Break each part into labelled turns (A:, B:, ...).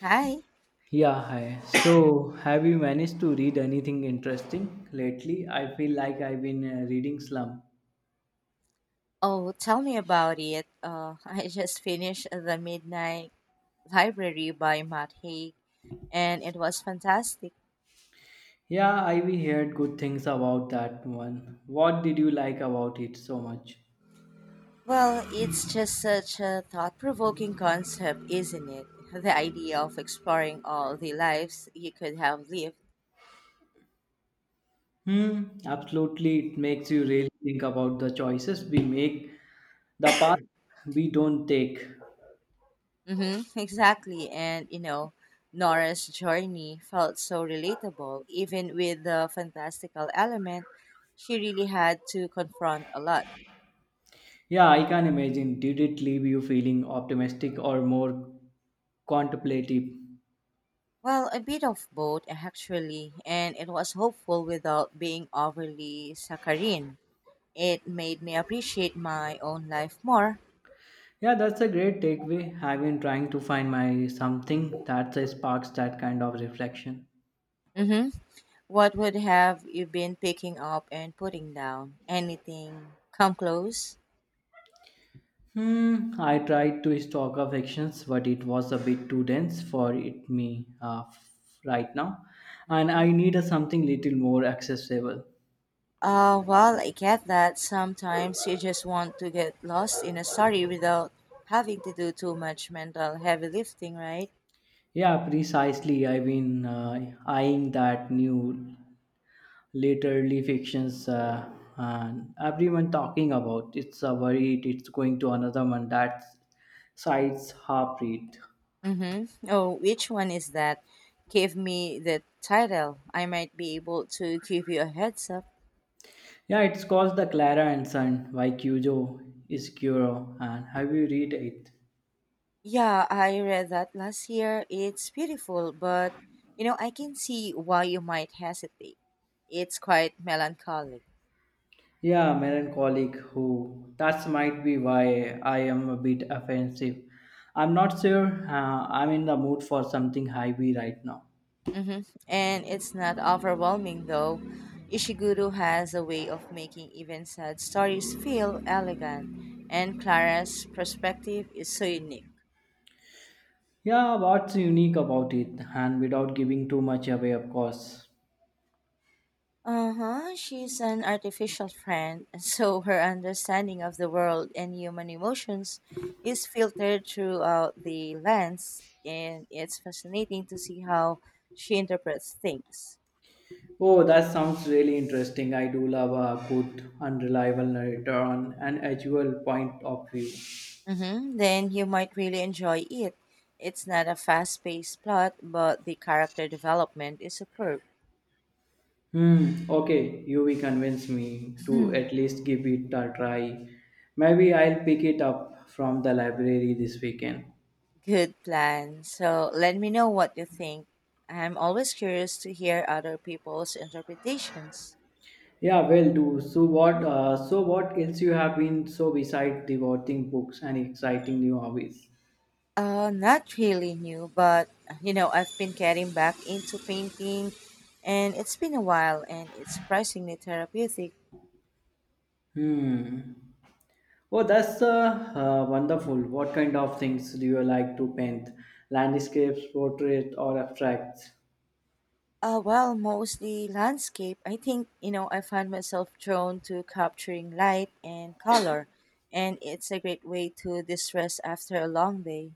A: Hi.
B: Yeah, hi. So, have you managed to read anything interesting lately? I feel like I've been reading Slum.
A: Oh, tell me about it. I just finished The Midnight Library by Matt Haig, and it was fantastic.
B: Yeah, I've heard good things about that one. What did you like about it so much?
A: Well, it's just such a thought provoking concept, isn't it? The idea of exploring all the lives you could have lived.
B: Hmm, absolutely. It makes you really think about the choices we make, the path we don't take.
A: Mm-hmm, exactly. And, you know, Nora's journey felt so relatable, even with the fantastical element she really had to confront a lot.
B: Yeah, I can imagine. Did it leave you feeling optimistic or more contemplative?
A: Well, a bit of both, actually, and it was hopeful without being overly saccharine. It made me appreciate my own life more.
B: Yeah, that's a great takeaway. I've been trying to find my something that sparks that kind of reflection.
A: hmm What would have you been picking up and putting down? Anything come close?
B: Hmm, I tried to stock of fictions, but it was a bit too dense for it me right now, and
A: hmm
B: I need a something little more accessible.
A: Well, I get that. Sometimes you just want to get lost in a story without having to do too much mental heavy lifting, right?
B: Yeah, precisely. I've been eyeing that new literary fictions and everyone talking about. It's a worried. It's going to another one that sides half read.
A: Mm-hmm. Oh, which one is that? Give me the title. I might be able to give you a heads up.
B: Yeah, it's called The Clara and Son by Kyujo Iskuro. And have you read it?
A: Yeah, I read that last year. It's beautiful, but you know, I can see why you might hesitate. It's quite melancholic.
B: Yeah, melancholic who. That's might be why I am a bit offensive. I'm not sure I'm in the mood for something heavy right now.
A: Mm-hmm. And it's not overwhelming, though. Ishiguro has a way of making even sad stories feel elegant, and Clara's perspective is so unique.
B: Yeah, what's unique about it? And without giving too much away, of course.
A: Uh-huh. She's an artificial friend, so her understanding of the world and human emotions is filtered throughout the lens, and it's fascinating to see how she interprets things.
B: Oh, that sounds really interesting. I do love a good, unreliable narrator on an actual point of view.
A: Mm-hmm. Then you might really enjoy it. It's not a fast-paced plot, but the character development is superb.
B: Hmm. Okay, you will convince me to
A: Hmm.
B: at least give it a try. Maybe I'll pick it up from the library this weekend.
A: Good plan. So let me know what you think. I'm always curious to hear other people's interpretations.
B: Yeah, well, do so. What? So what else you have been so beside devoting books and exciting new hobbies?
A: Not really new, but you know, I've been getting back into painting and it's been a while and it's surprisingly therapeutic.
B: Hmm. Oh, that's wonderful. What kind of things do you like to paint? Landscapes, portrait, or abstracts?
A: Well, mostly landscape. I think, you know, I find myself drawn to capturing light and color, and it's a great way to distress after a long day.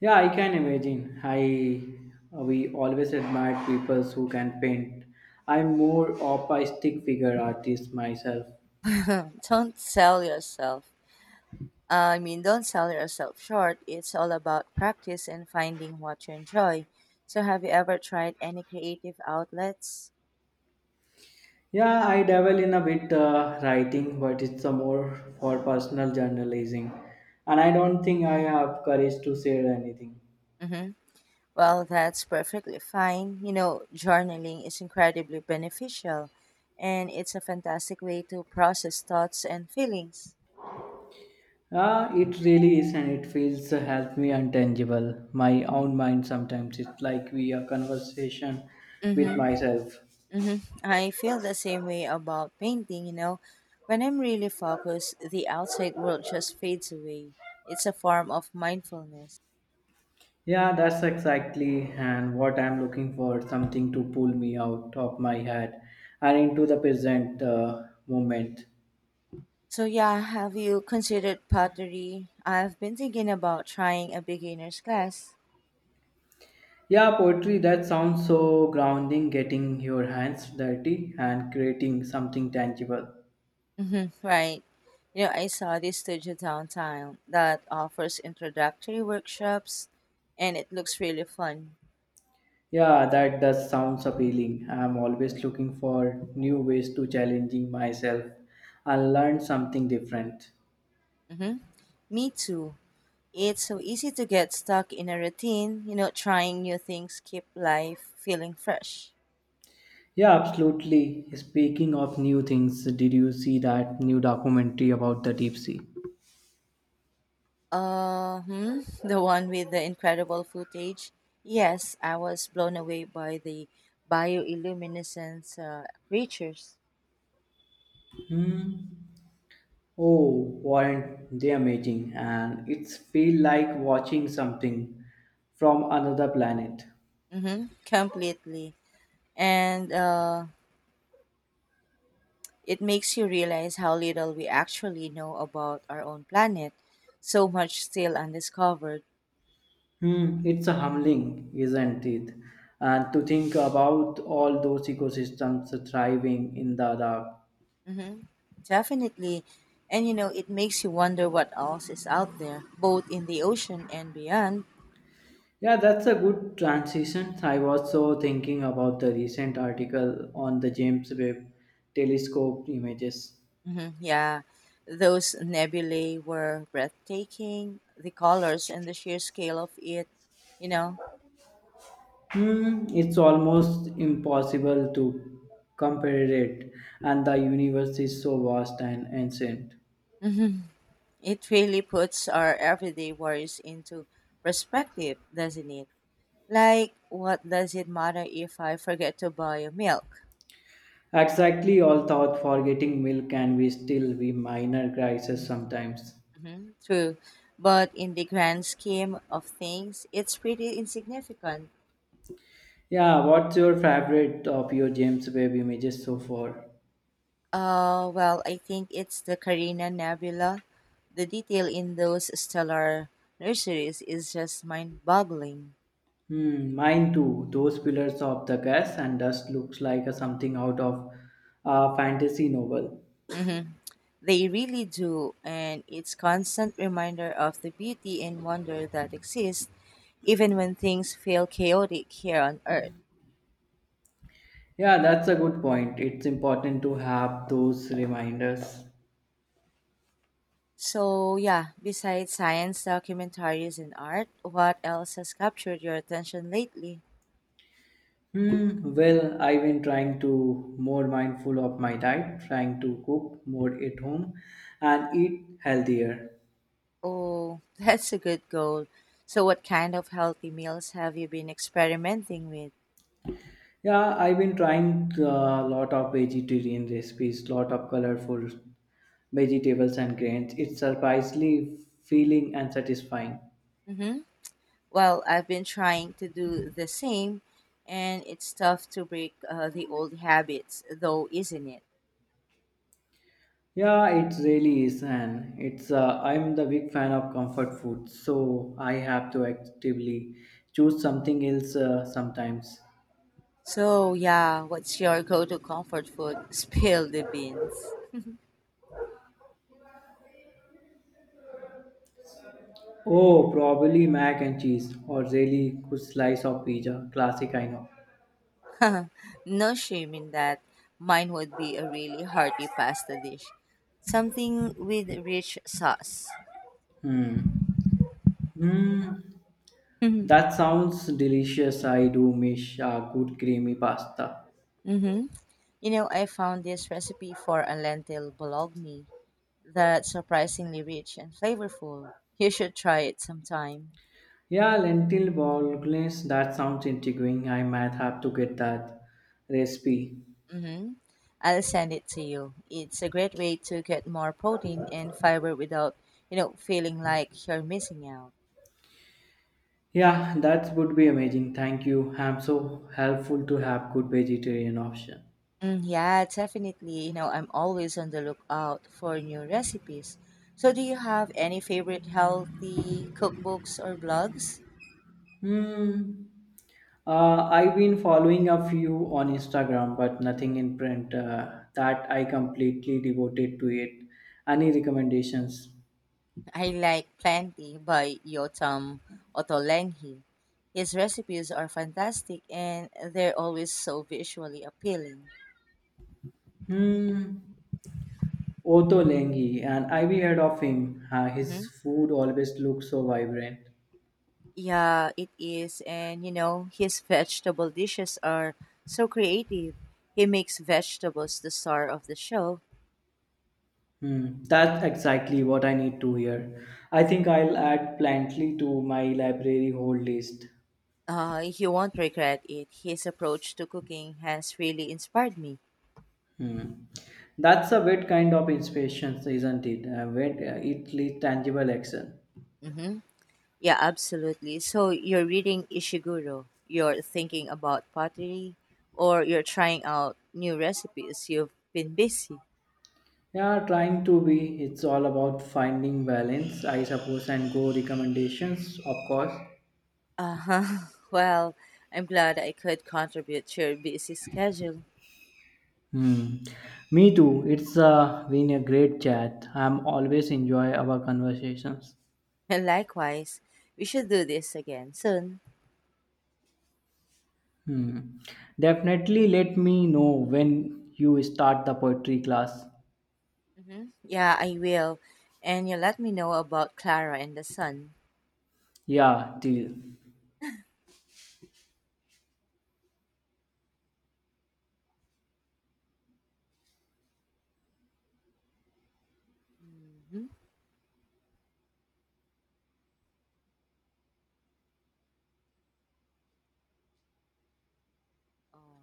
B: Yeah, I can imagine. I we always admire people who can paint. I'm more of a stick figure artist myself.
A: Don't sell yourself. I mean, Don't sell yourself short. It's all about practice and finding what you enjoy. So, have you ever tried any creative outlets?
B: Yeah, I dabble in a bit writing, but it's a more for personal journalism, and I don't think I have courage to share anything.
A: Mm-hmm. Well, that's perfectly fine. You know, journaling is incredibly beneficial and it's a fantastic way to process thoughts and feelings.
B: Ah, it really is, and it feels help me untangible. My own mind sometimes. It's like we a conversation with
A: Mm-hmm.
B: myself.
A: Mm-hmm. I feel the same way about painting, you know. When I'm really focused, the outside world just fades away. It's a form of mindfulness.
B: Yeah, that's exactly and what I'm looking for, something to pull me out of my head and into the present moment.
A: So, yeah, have you considered pottery? I've been thinking about trying a beginner's class.
B: Yeah, poetry that sounds so grounding, getting your hands dirty and creating something tangible.
A: Right. You know, I saw this studio downtown that offers introductory workshops and it looks really fun.
B: Yeah, that does sounds appealing. I'm always looking for new ways to challenging myself and learn something different.
A: hmm Me too. It's so easy to get stuck in a routine, you know, trying new things keep life feeling fresh.
B: Yeah, absolutely. Speaking of new things, did you see that new documentary about the deep sea?
A: Uh, hmm, the one with the incredible footage. Yes, I was blown away by the bioluminescence creatures.
B: Hmm. Oh, weren't they amazing? And it's feel like watching something from another planet.
A: Mm-hmm, completely. And It makes you realize how little we actually know about our own planet, so much still undiscovered.
B: Hmm, it's a humbling, isn't it? And to think about all those ecosystems thriving in the dark.
A: hmm Definitely. And you know, it makes you wonder what else is out there, both in the ocean and beyond.
B: Yeah, that's a good transition. I was so thinking about the recent article on the James Webb Telescope images.
A: Yeah, those nebulae were breathtaking. The colors and the sheer scale of it, you know,
B: Hmm, it's almost impossible to compare it, and the universe is so vast and ancient.
A: it really puts our everyday worries into perspective, doesn't it? Like, what does it matter if I forget to buy a milk?
B: Exactly, all thought for getting milk can be still be minor crisis sometimes.
A: True. But in the grand scheme of things, it's pretty insignificant.
B: Yeah, what's your favorite of your James Webb images so far?
A: Well, I think it's the Carina Nebula. The detail in those stellar nurseries is just mind boggling.
B: Hmm, mine too. Those pillars of the gas and dust looks like a something out of a fantasy novel.
A: They really do, and it's constant reminder of the beauty and wonder that exists even when things feel chaotic here on Earth.
B: Yeah, that's a good point. It's important to have those reminders.
A: So, yeah, besides science, documentaries, and art, what else has captured your attention lately?
B: Hmm, well, I've been trying to more mindful of my diet, trying to cook more at home and eat healthier.
A: Oh, that's a good goal. So, what kind of healthy meals have you been experimenting with?
B: Yeah, I've been trying a lot of vegetarian recipes, lot of colorful vegetables and grains. It's surprisingly feeling and satisfying.
A: Mm-hmm. Well, I've been trying to do the same, and it's tough to break the old habits, though, isn't it?
B: Yeah, it really is, and it's I'm the big fan of comfort food, so I have to actively choose something else sometimes.
A: So, yeah, what's your go to comfort food? Spill the beans.
B: Oh, probably mac and cheese or really good slice of pizza. Classic, I know.
A: No shame in that. Mine would be a really hearty pasta dish, something with rich sauce.
B: Hmm. Hmm. That
A: Mm-hmm.
B: sounds delicious. I do miss a good creamy pasta.
A: Mm-hmm. You know, I found this recipe for a lentil bologna that's surprisingly rich and flavorful. You should try it sometime.
B: Yeah, lentil bolognese. That sounds intriguing. I might have to get that recipe.
A: Mm-hmm. I'll send it to you. It's a great way to get more protein and fiber without, you know, feeling like you're missing out.
B: Yeah, that would be amazing. Thank you. I'm so helpful to have good vegetarian option.
A: Mm, yeah, definitely. You know, I'm always on the lookout for new recipes. So, do you have any favorite healthy cookbooks or blogs?
B: Hmm. I've been following a few on Instagram, but nothing in print. That I completely devoted to it. Any recommendations?
A: I like Plenty by Yotam Ottolenghi. His recipes are fantastic and they're always so visually appealing.
B: Hmm. Otto Lengi, and I've heard of him. His
A: hmm
B: food always looks so vibrant.
A: Yeah, it is. And, you know, his vegetable dishes are so creative. He makes vegetables the star of the show.
B: Hmm. That's exactly what I need to hear. I think I'll add Plantly to my library whole list.
A: You won't regret it. His approach to cooking has really inspired me.
B: Hmm. That's a weird kind of inspiration, isn't it? When it leads tangible action.
A: Mm-hmm. Yeah, absolutely. So you're reading Ishiguro, you're thinking about pottery, or you're trying out new recipes. You've been busy.
B: Yeah, trying to be. It's all about finding balance, I suppose, and go recommendations, of course.
A: Uh huh. Well, I'm glad I could contribute to your busy schedule.
B: Hmm. Me too. It's been a great chat. I'm always enjoy our conversations.
A: And likewise, we should do this again soon.
B: Hmm. Definitely let me know when you start the poetry class.
A: Mm-hmm. Yeah, I will. And you let me know about Clara and the son.
B: Yeah, deal.
A: Mm-hmm. Oh.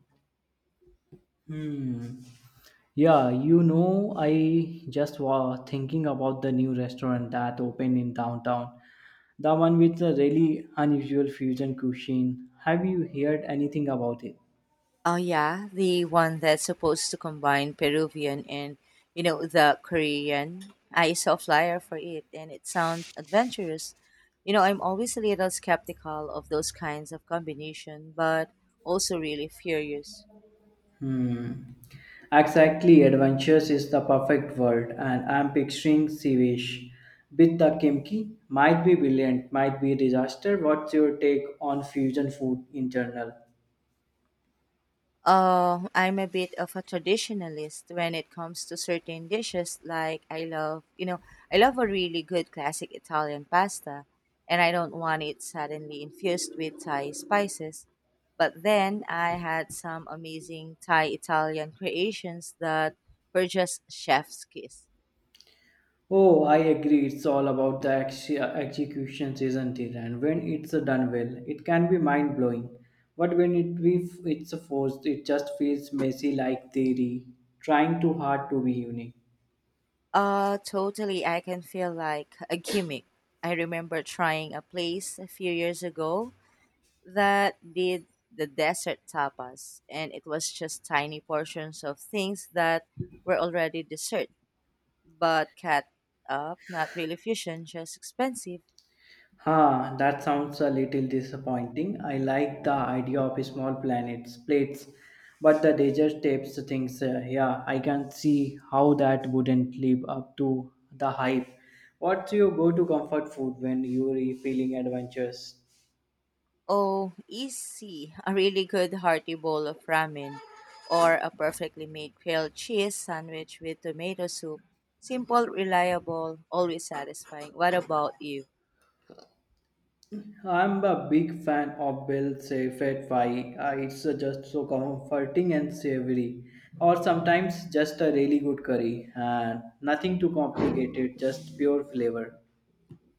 B: Hmm. Yeah, you know, I just was thinking about the new restaurant that opened in downtown. The one with the really unusual fusion cuisine. Have you heard anything about it?
A: Oh yeah, the one that's supposed to combine Peruvian and you know the Korean. I saw a flyer for it, and it sounds adventurous. You know, I'm always a little skeptical of those kinds of combination, but also really furious.
B: Hmm. Exactly, adventures is the perfect word, and I'm picturing Sivish. With the kimchi, might be brilliant, might be disaster. What's your take on fusion food in general?
A: I'm a bit of a traditionalist when it comes to certain dishes. Like I love, you know, I love a really good classic Italian pasta, and I don't want it suddenly infused with Thai spices. But then I had some amazing Thai Italian creations that were just chef's kiss.
B: Oh, I agree. It's all about the executions, isn't it? And when it's done well, it can be mind blowing. But when it be, it's forced, it just feels messy like theory, trying too hard to be unique.
A: Totally. I can feel like a gimmick. I remember trying a place a few years ago that did the desert tapas, and it was just tiny portions of things that were already dessert, but cut up, not really fusion, just expensive.
B: Huh, that sounds a little disappointing. I like the idea of small planets, plates, but the desert tapes things. Yeah, I can see how that wouldn't live up to the hype. What's your go-to comfort food when you're feeling adventurous?
A: Oh, easy. A really good hearty bowl of ramen or a perfectly made grilled cheese sandwich with tomato soup. Simple, reliable, always satisfying. What about you?
B: I'm a big fan of Bill Saffet fry. It's just so comforting and savory, or sometimes just a really good curry and nothing too complicated, just pure flavor.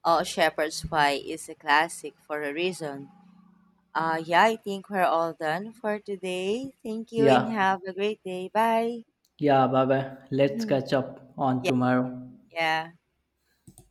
A: Oh, shepherd's pie is a classic for a reason. Yeah, I think we're all done for today. Thank you and
B: Yeah,
A: have a great day. Bye.
B: yeah, Baba. Let's
A: Mhm.
B: catch up on
A: Yeah,
B: tomorrow.
A: yeah.